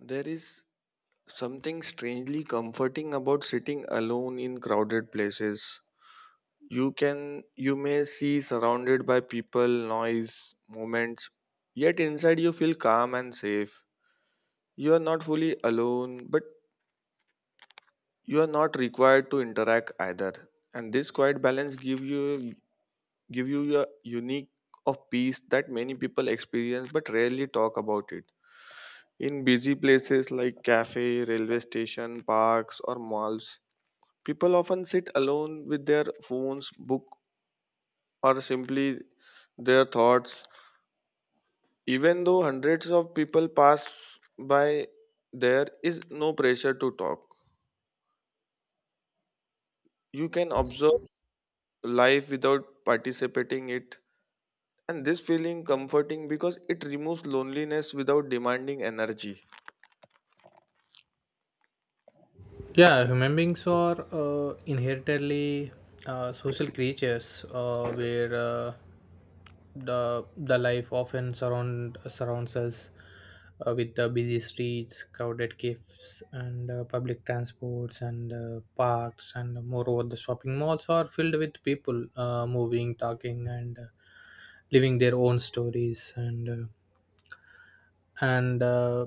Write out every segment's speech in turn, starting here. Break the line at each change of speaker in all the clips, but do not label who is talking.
There is something strangely comforting about sitting alone in crowded places. You may see surrounded by people, noise, moments, yet inside you feel calm and safe. You are not fully alone, but you are not required to interact either. And this quiet balance give you a unique of peace that many people experience but rarely talk about it. In busy places like cafe, railway station, parks or malls, people often sit alone with their phones, book, or simply their thoughts. Even though hundreds of people pass by, there is no pressure to talk. You can observe life without participating it, and this feeling comforting because it removes loneliness without demanding energy.
Yeah, human beings are inherently social creatures, where the life often surrounds us with the busy streets, crowded cafes, and public transports, and parks, and moreover, the shopping malls are filled with people moving, talking, and living their own stories, and. And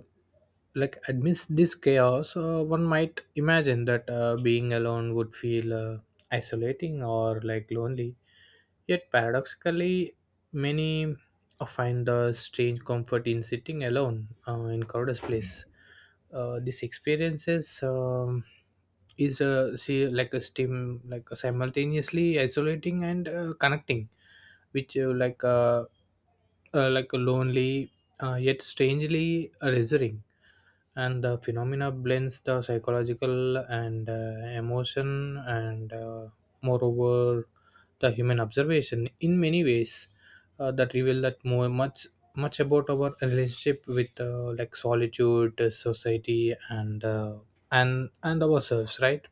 like amidst this chaos one might imagine that being alone would feel isolating or like lonely, yet paradoxically many find the strange comfort in sitting alone in crowded place. This experiences is see like a steam, like simultaneously isolating and connecting, which like a lonely, yet strangely alluring, and the phenomena blends the psychological and emotion and moreover the human observation in many ways that reveal that more much much about our relationship with like solitude, society, and and ourselves, right?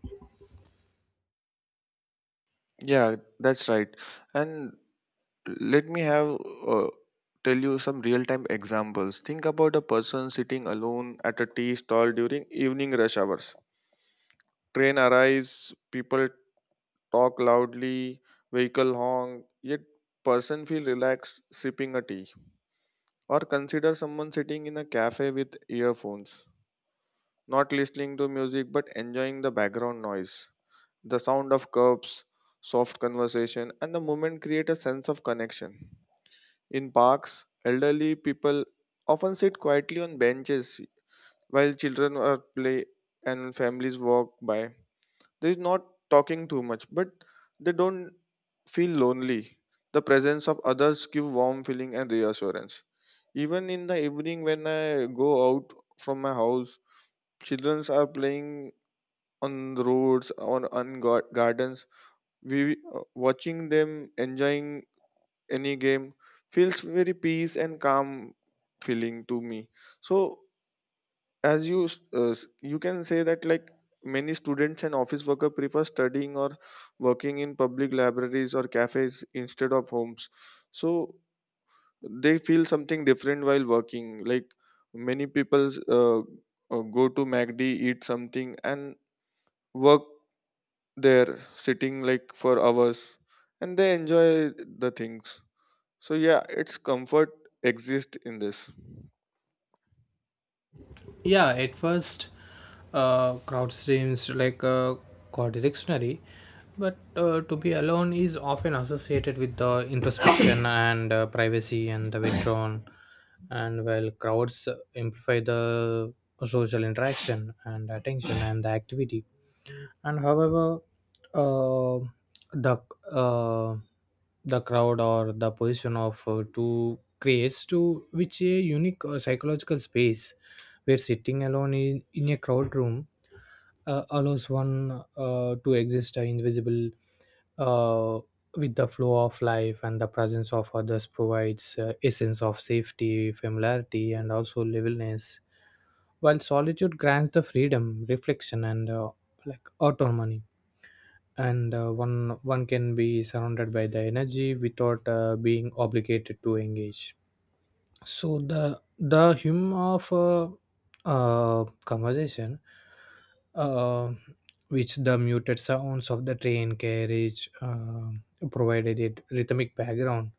Yeah, that's right. And let me have uh, tell you some real time examples. Think about a person sitting alone at a tea stall during evening rush hours. Train arrives, people talk loudly, vehicle honk, yet person feel relaxed sipping a tea. Or consider someone sitting in a cafe with earphones, not listening to music but enjoying the background noise, the sound of cups, soft conversation, and the moment create a sense of connection. In parks, elderly people often sit quietly on benches while children are play and families walk by. They are not talking too much, but they don't feel lonely. The presence of others give warm feeling and reassurance. Even in the evening when I go out from my house, children are playing on the roads or on gardens. We watching them enjoying any game feels very peace and calm feeling to me. So as you s- s- you can say that, like, many students and office worker prefer studying or working in public libraries or cafes instead of homes. So they feel something different while working. Like, many people uh, go to macd, eat something and work there, sitting like for hours, and they enjoy the things. So yeah, its comfort exists in this.
Yeah, at first, crowd streams like dictionary, but to be alone is often associated with the introspection and privacy and the withdrawn. And while crowds amplify the social interaction and attention and the activity, and however, uh, the uh, the crowd or the position of two creates to which a unique psychological space, where sitting alone in a crowd room allows one to exist invisible uh, with the flow of life, and the presence of others provides a sense of safety, familiarity, and also levelness, while solitude grants the freedom reflection and like autonomy. And one can be surrounded by the energy without being obligated to engage. So the hum of conversation, uh, which the muted sounds of the train carriage provided it rhythmic background.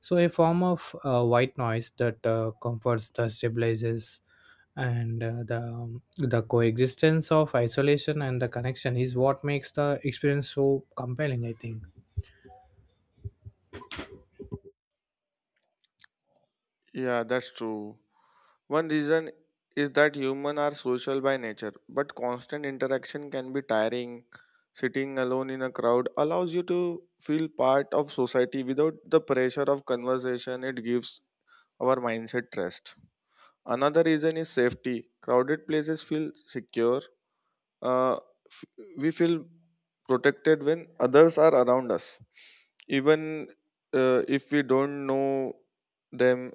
So a form of white noise that comforts the stabilizes, and the coexistence of isolation and the connection is what makes the experience so compelling, I think.
Yeah, that's true. One reason is that humans are social by nature, but constant interaction can be tiring. Sitting alone in a crowd allows you to feel part of society without the pressure of conversation. It gives our mindset rest. Another reason is safety. Crowded places feel secure, uh, f- we feel protected when others are around us, even if we don't know them.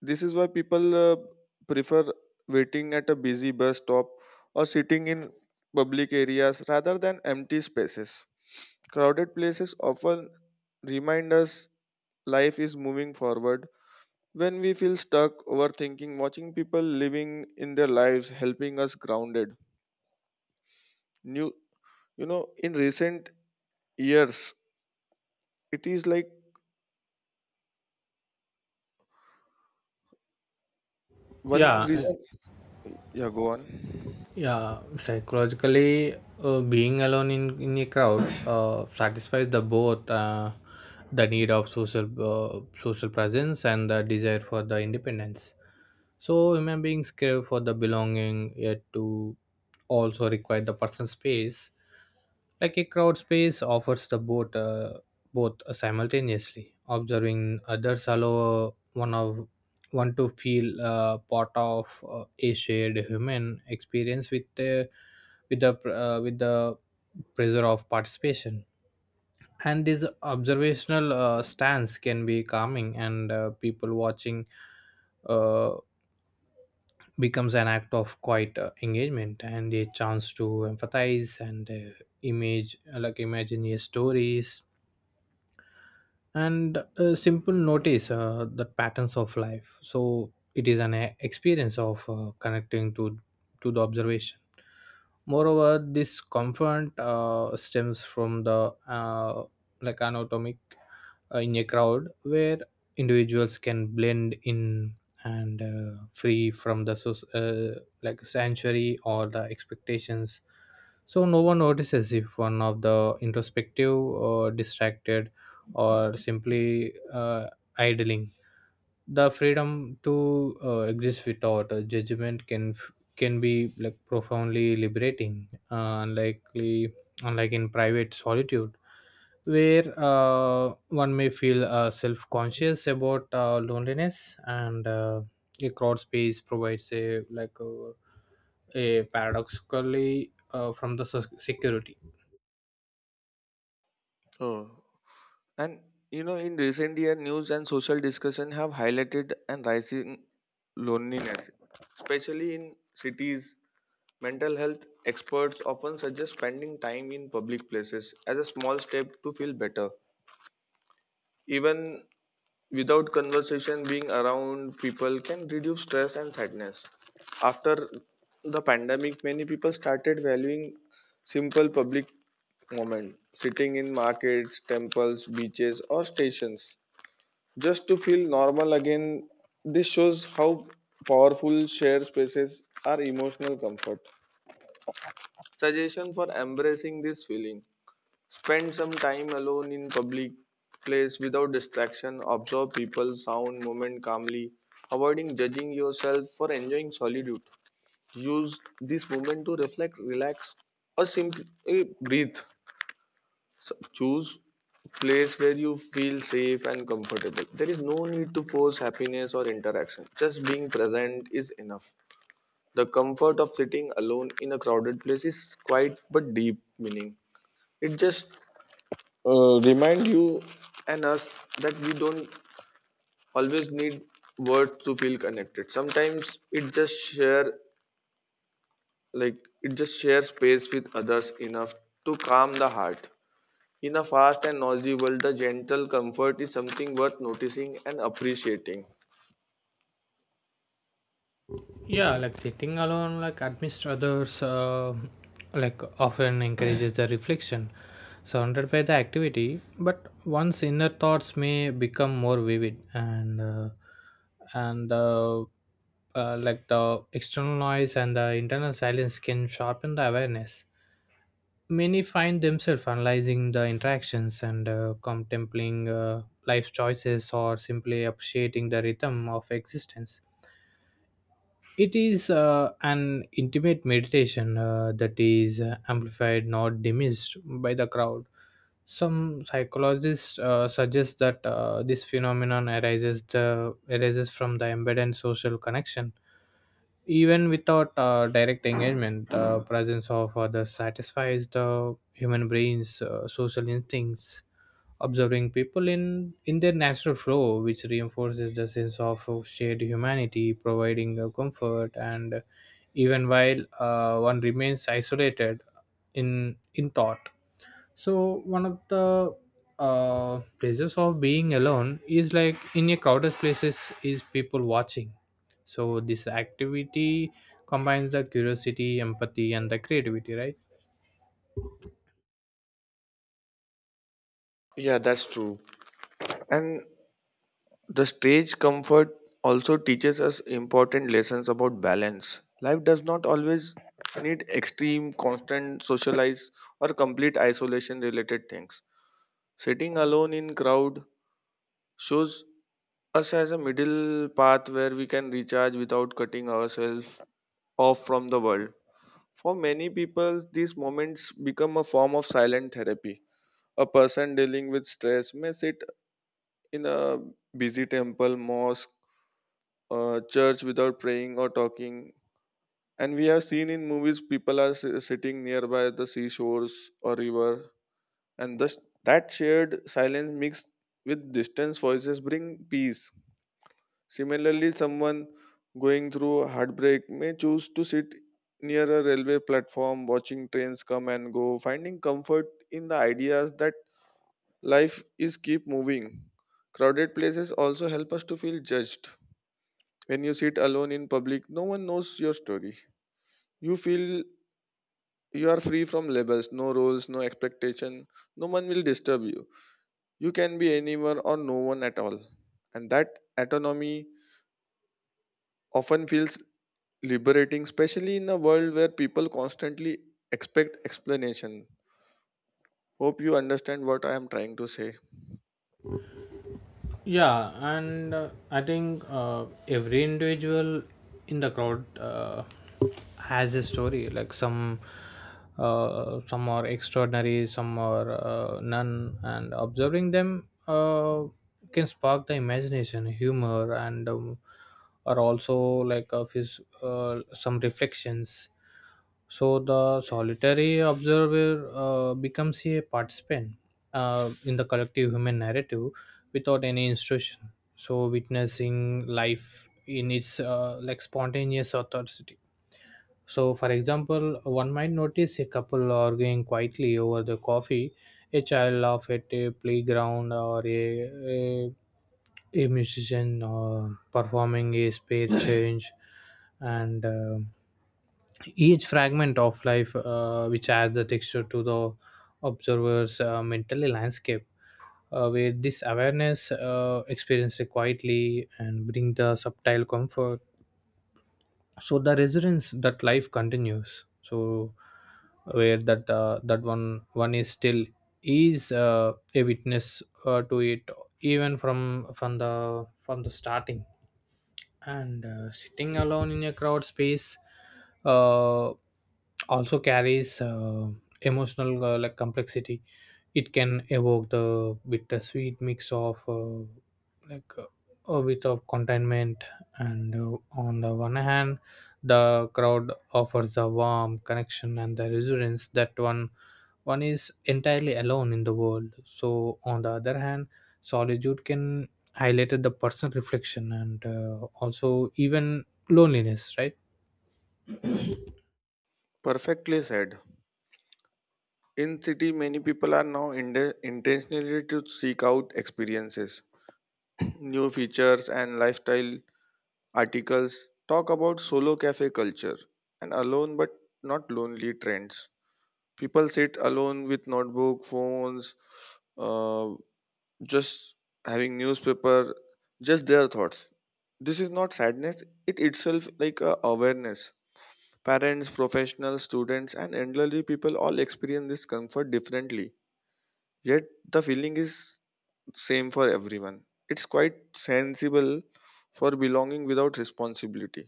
This is why people prefer waiting at a busy bus stop or sitting in public areas rather than empty spaces. Crowded places often remind us life is moving forward. When we feel stuck overthinking, watching people living in their lives helping us grounded. New, you know, in recent. Yes, it is like one
Yeah.
reason. Yeah, go on.
Yeah, psychologically, being alone in a crowd satisfies the both, the need of social presence and the desire for the independence. So human beings crave for the belonging, yet to also require the personal space. Like a crowd space offers the both, both simultaneously. Observing others allow one to feel part of a shared human experience with the with the pressure of participation. And this observational stance can be calming, and people watching Uh, becomes an act of quiet engagement and a chance to empathize and image like imagine your stories, and a simple notice the patterns of life. So it is an experience of connecting to the observation. Moreover, this comfort stems from the like anatomic in a crowd, where individuals can blend in and free from the like sanctuary or the expectations. So no one notices if one of the introspective or distracted, or simply idling. The freedom to exist without a judgment can be like profoundly liberating, unlike in private solitude, where one may feel self conscious about loneliness and a crowd space provides a like a paradoxically from the security.
Oh, and you know, in recent year, news and social discussion have highlighted and rising loneliness, especially in cities. Mental health experts often suggest spending time in public places as a small step to feel better. Even without conversation, being around people can reduce stress and sadness. After the pandemic, many people started valuing simple public moment, sitting in markets, temples, beaches, or stations, just to feel normal again. This shows how powerful shared spaces are emotional comfort. Suggestion for embracing this feeling. Spend some time alone in public place without distraction. Observe people, sound, moment calmly, avoiding judging yourself for enjoying solitude. Use this moment to reflect, relax, or simply breathe. So choose place where you feel safe and comfortable. There is no need to force happiness or interaction. Just being present is enough. The comfort of sitting alone in a crowded place is quiet but deep meaning. It just remind you and us that we don't always need words to feel connected. Sometimes it just share, like, it just share space with others enough to calm the heart. In a fast and noisy world, the gentle comfort is something worth noticing and appreciating.
Yeah, like sitting alone like amidst others like often encourages the reflection, surrounded by the activity, but one's inner thoughts may become more vivid and and uh, like the external noise and the internal silence can sharpen the awareness. Many find themselves analyzing the interactions and contemplating life choices, or simply appreciating the rhythm of existence. It is an intimate meditation that is amplified, not diminished by the crowd. Some psychologists suggest that this phenomenon arises from the embedded social connection, even without direct engagement. The presence of others satisfies the human brain's social instincts, observing people in their natural flow, which reinforces the sense of shared humanity, providing comfort. And even while one remains isolated in thought. So, one of the pleasures of being alone is like in a crowded places is people watching. So, this activity combines the curiosity, empathy, and the creativity, right?
Yeah, that's true. And the stage comfort also teaches us important lessons about balance. Life does not always need extreme, constant socialize or complete isolation related things. Sitting alone in crowd shows us as a middle path where we can recharge without cutting ourselves off from the world. For many people, these moments become a form of silent therapy. A person dealing with stress may sit in a busy temple, mosque, church without praying or talking. And we have seen in movies people are sitting nearby the seashores or river, and thus that shared silence mixed with distant voices bring peace. Similarly, someone going through heartbreak may choose to sit near a railway platform, watching trains come and go, finding comfort in the ideas that life is keep moving. Crowded places also help us to feel judged. When you sit alone in public, no one knows your story. You feel you are free from labels, no roles, no expectation. No one will disturb you. You can be anywhere or no one at all. And that autonomy often feels liberating, especially in a world where people constantly expect explanation. Hope you understand what I am trying to say.
Yeah, and I think every individual in the crowd has a story. Like some are extraordinary, some are none, and observing them can spark the imagination, humor, and are also like of his some reflections. So the solitary observer becomes a participant in the collective human narrative without any instruction. So witnessing life in its like spontaneous authenticity. So, for example, one might notice a couple arguing quietly over the coffee, a child laugh at a playground, or a musician performing a spare change, and each fragment of life which adds the texture to the observer's mental landscape. Where this awareness experienced quietly and bring the subtle comfort, so the residence that life continues. So where that one is still is a witness to it, even from the starting. And sitting alone in a crowd space uh, also carries emotional like complexity. It can evoke the bittersweet mix of like a bit of contentment, and on the one hand the crowd offers the warm connection and the resilience that one is entirely alone in the world. So, on the other hand, solitude can highlight the personal reflection and also even loneliness, right?
Perfectly said. In city, many people are now intentionally to seek out experiences, new features, and lifestyle. Articles talk about solo cafe culture and alone but not lonely trends. People sit alone with notebook, phones, uh, just having newspaper, just their thoughts. This is not sadness; it itself like a awareness. Parents, professionals, students, and elderly people all experience this comfort differently. Yet the feeling is same for everyone. It's quite sensible for belonging without responsibility.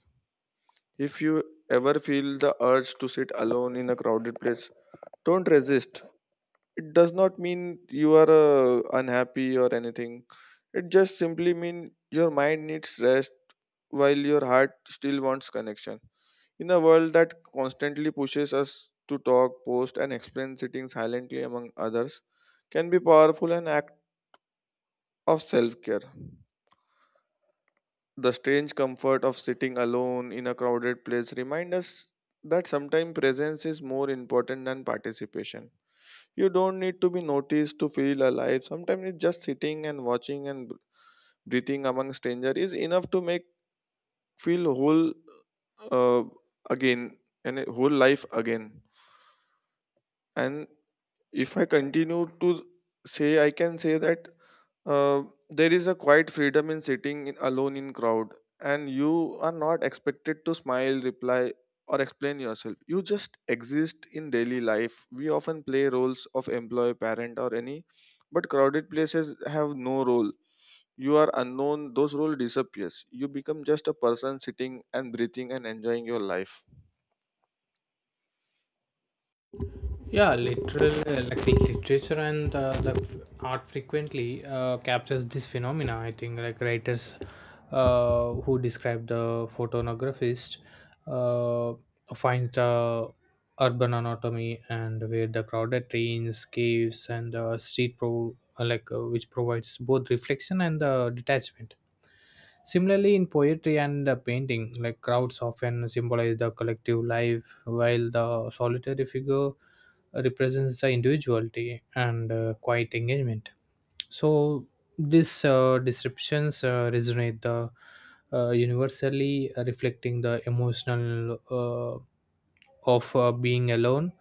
If you ever feel the urge to sit alone in a crowded place, don't resist. It does not mean you are unhappy or anything. It just simply means your mind needs rest while your heart still wants connection. In a world that constantly pushes us to talk, post, and explain, sitting silently among others can be powerful an act of self care. The strange comfort of sitting alone in a crowded place reminds us that sometimes presence is more important than participation. You don't need to be noticed to feel alive. Sometimes it's just sitting and watching and breathing among strangers is enough to make feel whole uh, again and a whole life again. And if I continue to say, I can say that uh, there is a quiet freedom in sitting in, alone in crowd, and you are not expected to smile, reply, or explain yourself. You just exist in daily life. We often play roles of employee, parent, or any, but crowded places have no role. You are unknown; those role disappears. You become just a person sitting and breathing and enjoying your life.
Yeah, literal like the literature and the art frequently captures this phenomena, I think. Like writers who describe the photonographist uh, finds the urban anatomy, and where the crowded trains, caves, and street pro like which provides both reflection and detachment. Similarly, in poetry and painting, like crowds often symbolize the collective life, while the solitary figure represents the individuality and quiet engagement. So these descriptions resonate the universally, reflecting the emotional of being alone,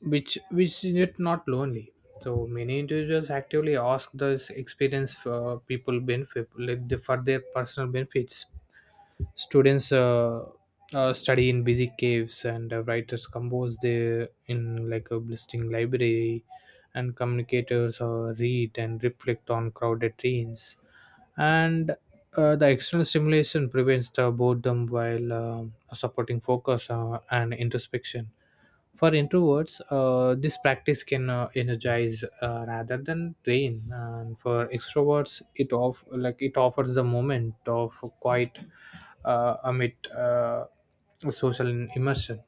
which is yet not lonely. So many individuals actively ask this experience for people benefit, like for their personal benefits. Students study in busy caves, and writers compose their in like a blistering library, and communicators read and reflect on crowded trains, and the external stimulation prevents the boredom while supporting focus and introspection. For introverts, this practice can energize rather than drain. And for extroverts, it offers the moment of quiet amid social immersion.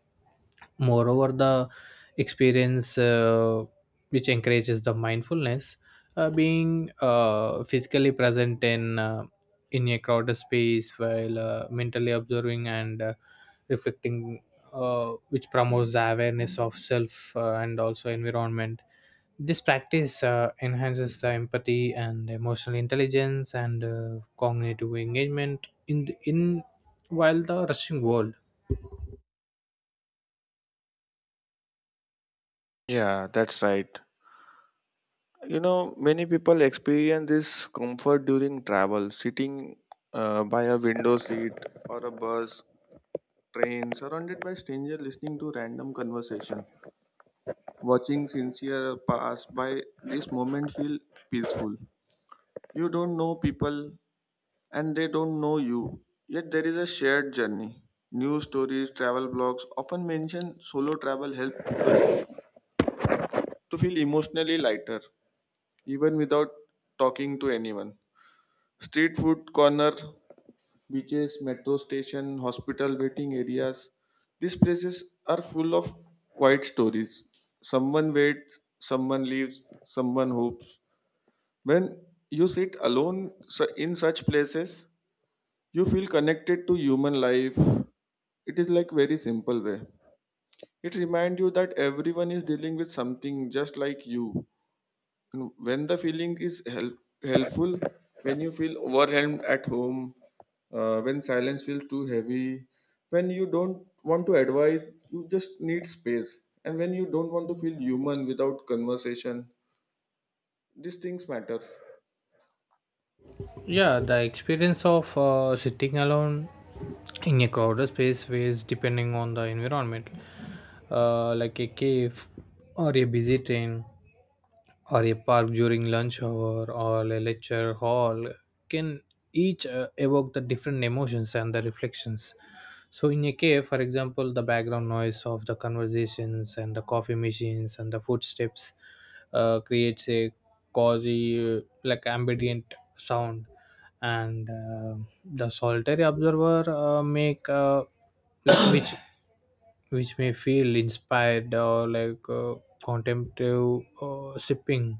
Moreover, the experience which encourages the mindfulness, being physically present in a crowded space, while mentally observing and reflecting which promotes the awareness of self and also environment. This practice enhances the empathy and emotional intelligence and cognitive engagement in while the rushing world.
Yeah, that's right. You know, many people experience this comfort during travel, sitting by a window seat or a bus, train, surrounded by strangers, listening to random conversation, watching sincere pass by. This moment feel peaceful. You don't know people, and they don't know you. Yet there is a shared journey. News stories, travel blogs often mention solo travel help to feel emotionally lighter, even without talking to anyone. Street food corner, beaches, metro station, hospital waiting areas. These places are full of quiet stories. Someone waits, someone leaves, someone hopes. When you sit alone in such places, you feel connected to human life. It is like very simple way. It reminds you that everyone is dealing with something just like you. When the feeling is helpful, when you feel overwhelmed at home, when silence feels too heavy, when you don't want to advise, you just need space, and when you don't want to feel human without conversation, these things matter.
Yeah, the experience of sitting alone in a crowded space varies depending on the environment, like a cave or a busy train, or a park during lunch hour or a lecture hall can each evoke the different emotions and the reflections. So in a cave, for example, the background noise of the conversations and the coffee machines and the footsteps creates a cozy like ambient sound, and the solitary observer make like which may feel inspired, or like contemplative, sipping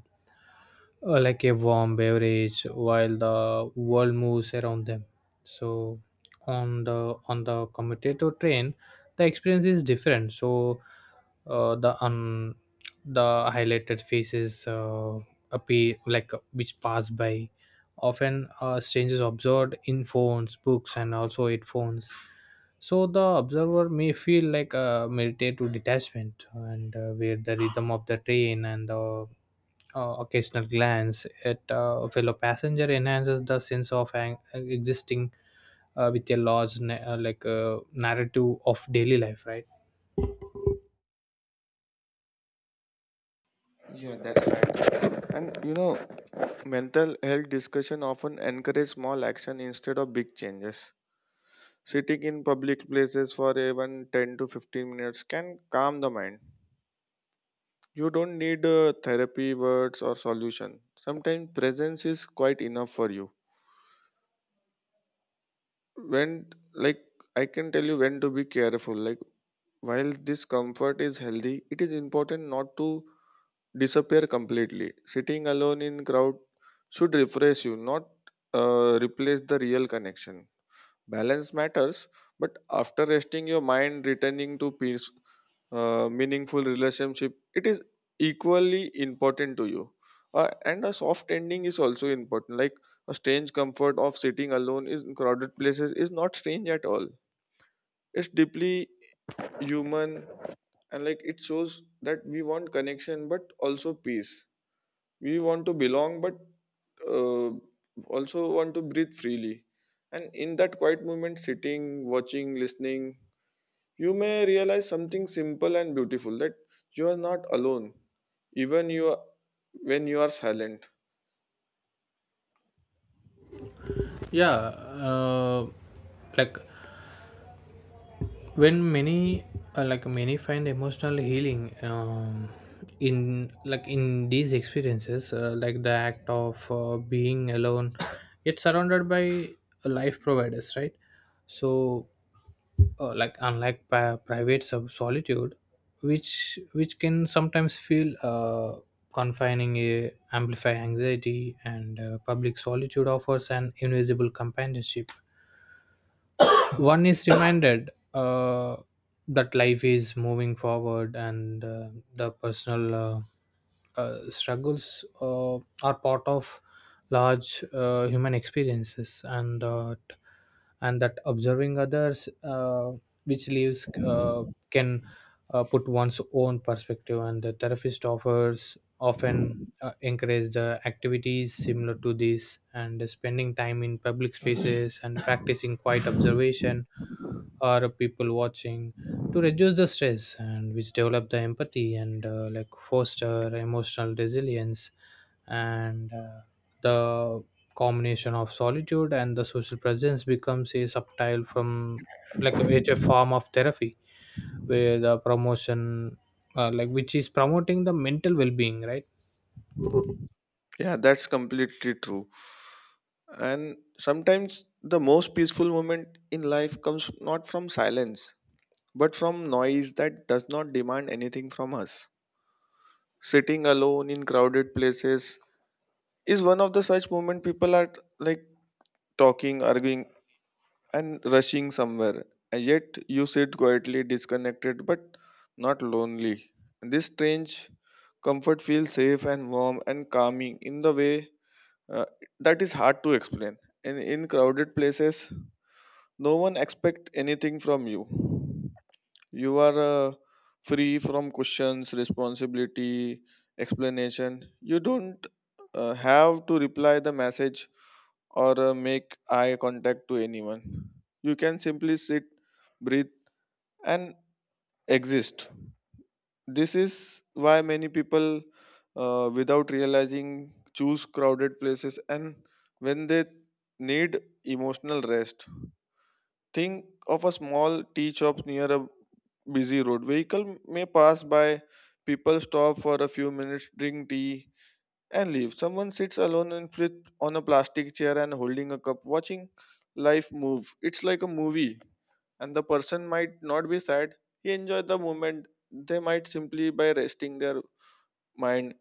like a warm beverage while the world moves around them. So on the commutator train the experience is different. So uh, the un, the highlighted faces appear like which pass by, often strangers observed in phones, books, and also headphones. So the observer may feel like a meditative detachment, and where the rhythm of the train and the occasional glance at a fellow passenger enhances the sense of existing with a large like narrative of daily life, right?
Yeah, that's right. And you know, mental health discussion often encourage small action instead of big changes. Sitting in public places for even 10 to 15 minutes can calm the mind. You don't need therapy, words, or solution. Sometimes presence is quite enough for you. When, like, I can tell you when to be careful. Like, while this comfort is healthy, it is important not to disappear completely. Sitting alone in crowd should refresh you, not replace the real connection. Balance matters, but after resting your mind, returning to peace, meaningful relationship, it is equally important to you. And a soft ending is also important. Like a strange comfort of sitting alone in crowded places is not strange at all. It's deeply human, and like it shows that we want connection but also peace. We want to belong but uh, also want to breathe freely, and in that quiet moment sitting, watching, listening, you may realize something simple and beautiful, that you are not alone even you are, when you are silent.
Yeah, like when many like many find emotional healing in like in these experiences, like the act of being alone yet surrounded by life providers, right? So like unlike private solitude, which can sometimes feel confining, amplify anxiety, and public solitude offers an invisible companionship. One is reminded that life is moving forward, and the personal struggles are part of large human experiences, and and that observing others which lives can put one's own perspective, and the therapist offers often encouraged activities similar to this and spending time in public spaces and practicing quiet observation or people watching, to reduce the stress and which develop the empathy and like foster emotional resilience. And the combination of solitude and the social presence becomes a subtle from, like it's a form of therapy, where the promotion like which is promoting the mental well-being, right?
Yeah, that's completely true. And sometimes the most peaceful moment in life comes not from silence but from noise that does not demand anything from us. Sitting alone in crowded places is one of the such moment. People are, like, talking, arguing, and rushing somewhere, and yet you sit quietly, disconnected but not lonely. This strange comfort feels safe and warm and calming in the way uh, that is hard to explain. And in crowded places no one expect anything from you. You are free from questions, responsibility, explanation. You don't have to reply the message or make eye contact to anyone. You can simply sit, breathe, and exist. This is why many people, without realizing, choose crowded places and when they need emotional rest. Think of a small tea shop near a busy road. Vehicle may pass by, people stop for a few minutes, drink tea, and leave. Someone sits alone and with on a plastic chair and holding a cup, watching life move. It's like a movie, and the person might not be sad. He enjoyed the moment. They might simply by resting their mind.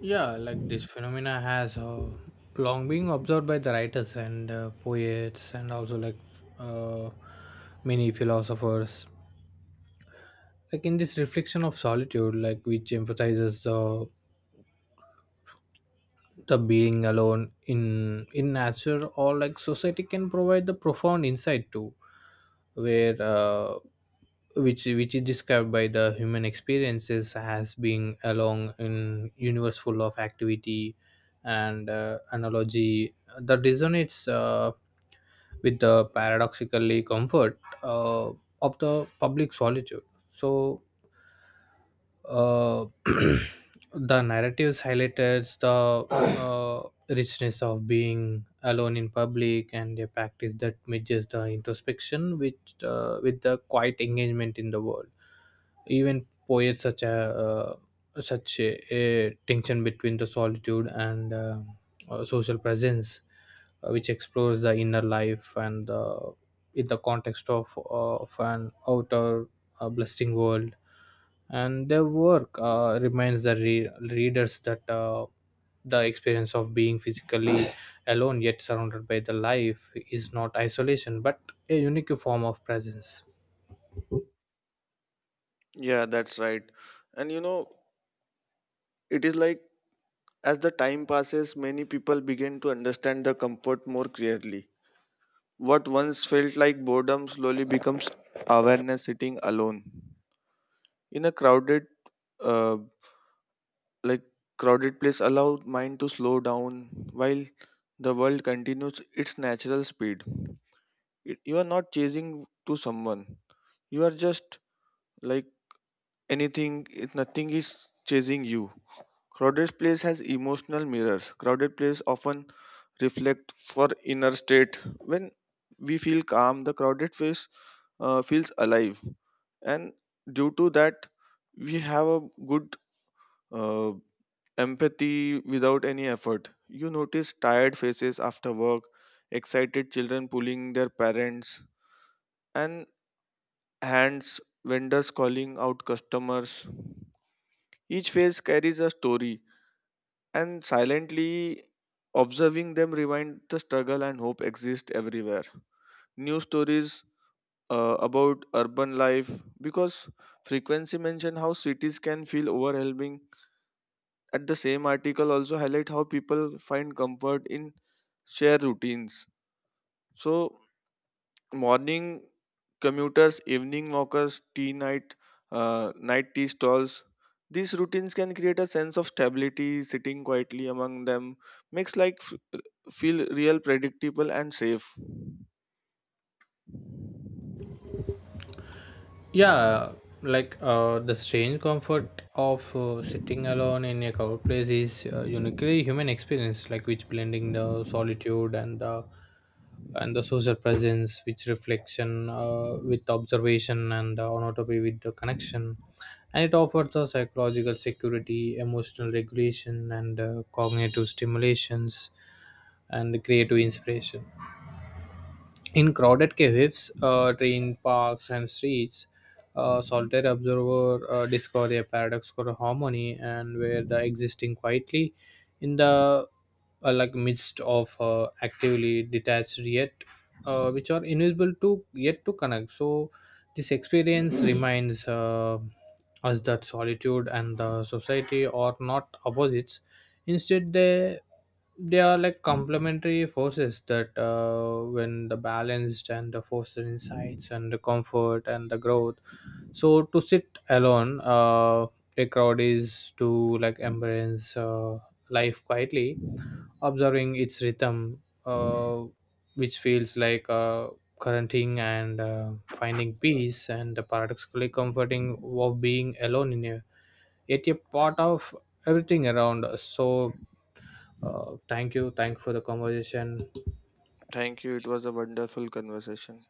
Yeah, like this phenomena has long been observed by the writers and poets, and also like uh, many philosophers. Like in this reflection of solitude, like which emphasizes the being alone in nature or like society can provide the profound insight too, where which is described by the human experiences as being along in universe full of activity, and analogy that resonates with the paradoxically comfort of the public solitude. So uh, the narratives highlighted the richness of being alone in public, and a practice that merges the introspection with the quiet engagement in the world. Even poets such a a tension between the solitude and social presence, which explores the inner life and in the context of an outer blessing world, and their work reminds the readers that the experience of being physically alone yet surrounded by the life is not isolation but a unique form of presence.
Yeah, that's right. And you know, it is like as the time passes, many people begin to understand the comfort more clearly. What once felt like boredom slowly becomes awareness. Sitting alone in a crowded uh. like crowded place allow mind to slow down while the world continues its natural speed. It- you are not chasing to someone, you are just like anything, it- nothing is chasing you. Crowded place has emotional mirrors. Crowded place often reflect for inner state. When we feel calm the crowded face feels alive, and due to that we have a good uh, empathy without any effort. You notice tired faces after work, excited children pulling their parents, and hands, vendors calling out customers. Each face carries a story, and silently observing them reminds the struggle and hope exist everywhere. News stories about urban life because frequency mention how cities can feel overwhelming. At the same article also highlight how people find comfort in shared routines. So morning commuters, evening walkers, tea night, night tea stalls. These routines can create a sense of stability. Sitting quietly among them makes life feel real, predictable, and safe.
Yeah, like the strange comfort of sitting alone in a crowded place is uniquely human experience, like which blending the solitude and the social presence, which reflection with observation and anatomy with the connection, and it offers the psychological security, emotional regulation, and cognitive stimulations and creative inspiration. In crowded caves, train parks, and streets, a solitary observer discover a paradoxical harmony, and where the existing quietly in the like midst of actively detached, yet which are invisible to yet to connect. So this experience reminds us that solitude and the society are not opposites. Instead, they are like complementary forces that when the balanced and the foster insights and the comfort and the growth. So to sit alone a crowd is to like embrace life quietly, observing its rhythm which feels like quarantining and finding peace and the paradoxically comforting of being alone in a yet a part of everything around us. So thank you. Thank you for the conversation.
Thank you. It was a wonderful conversation.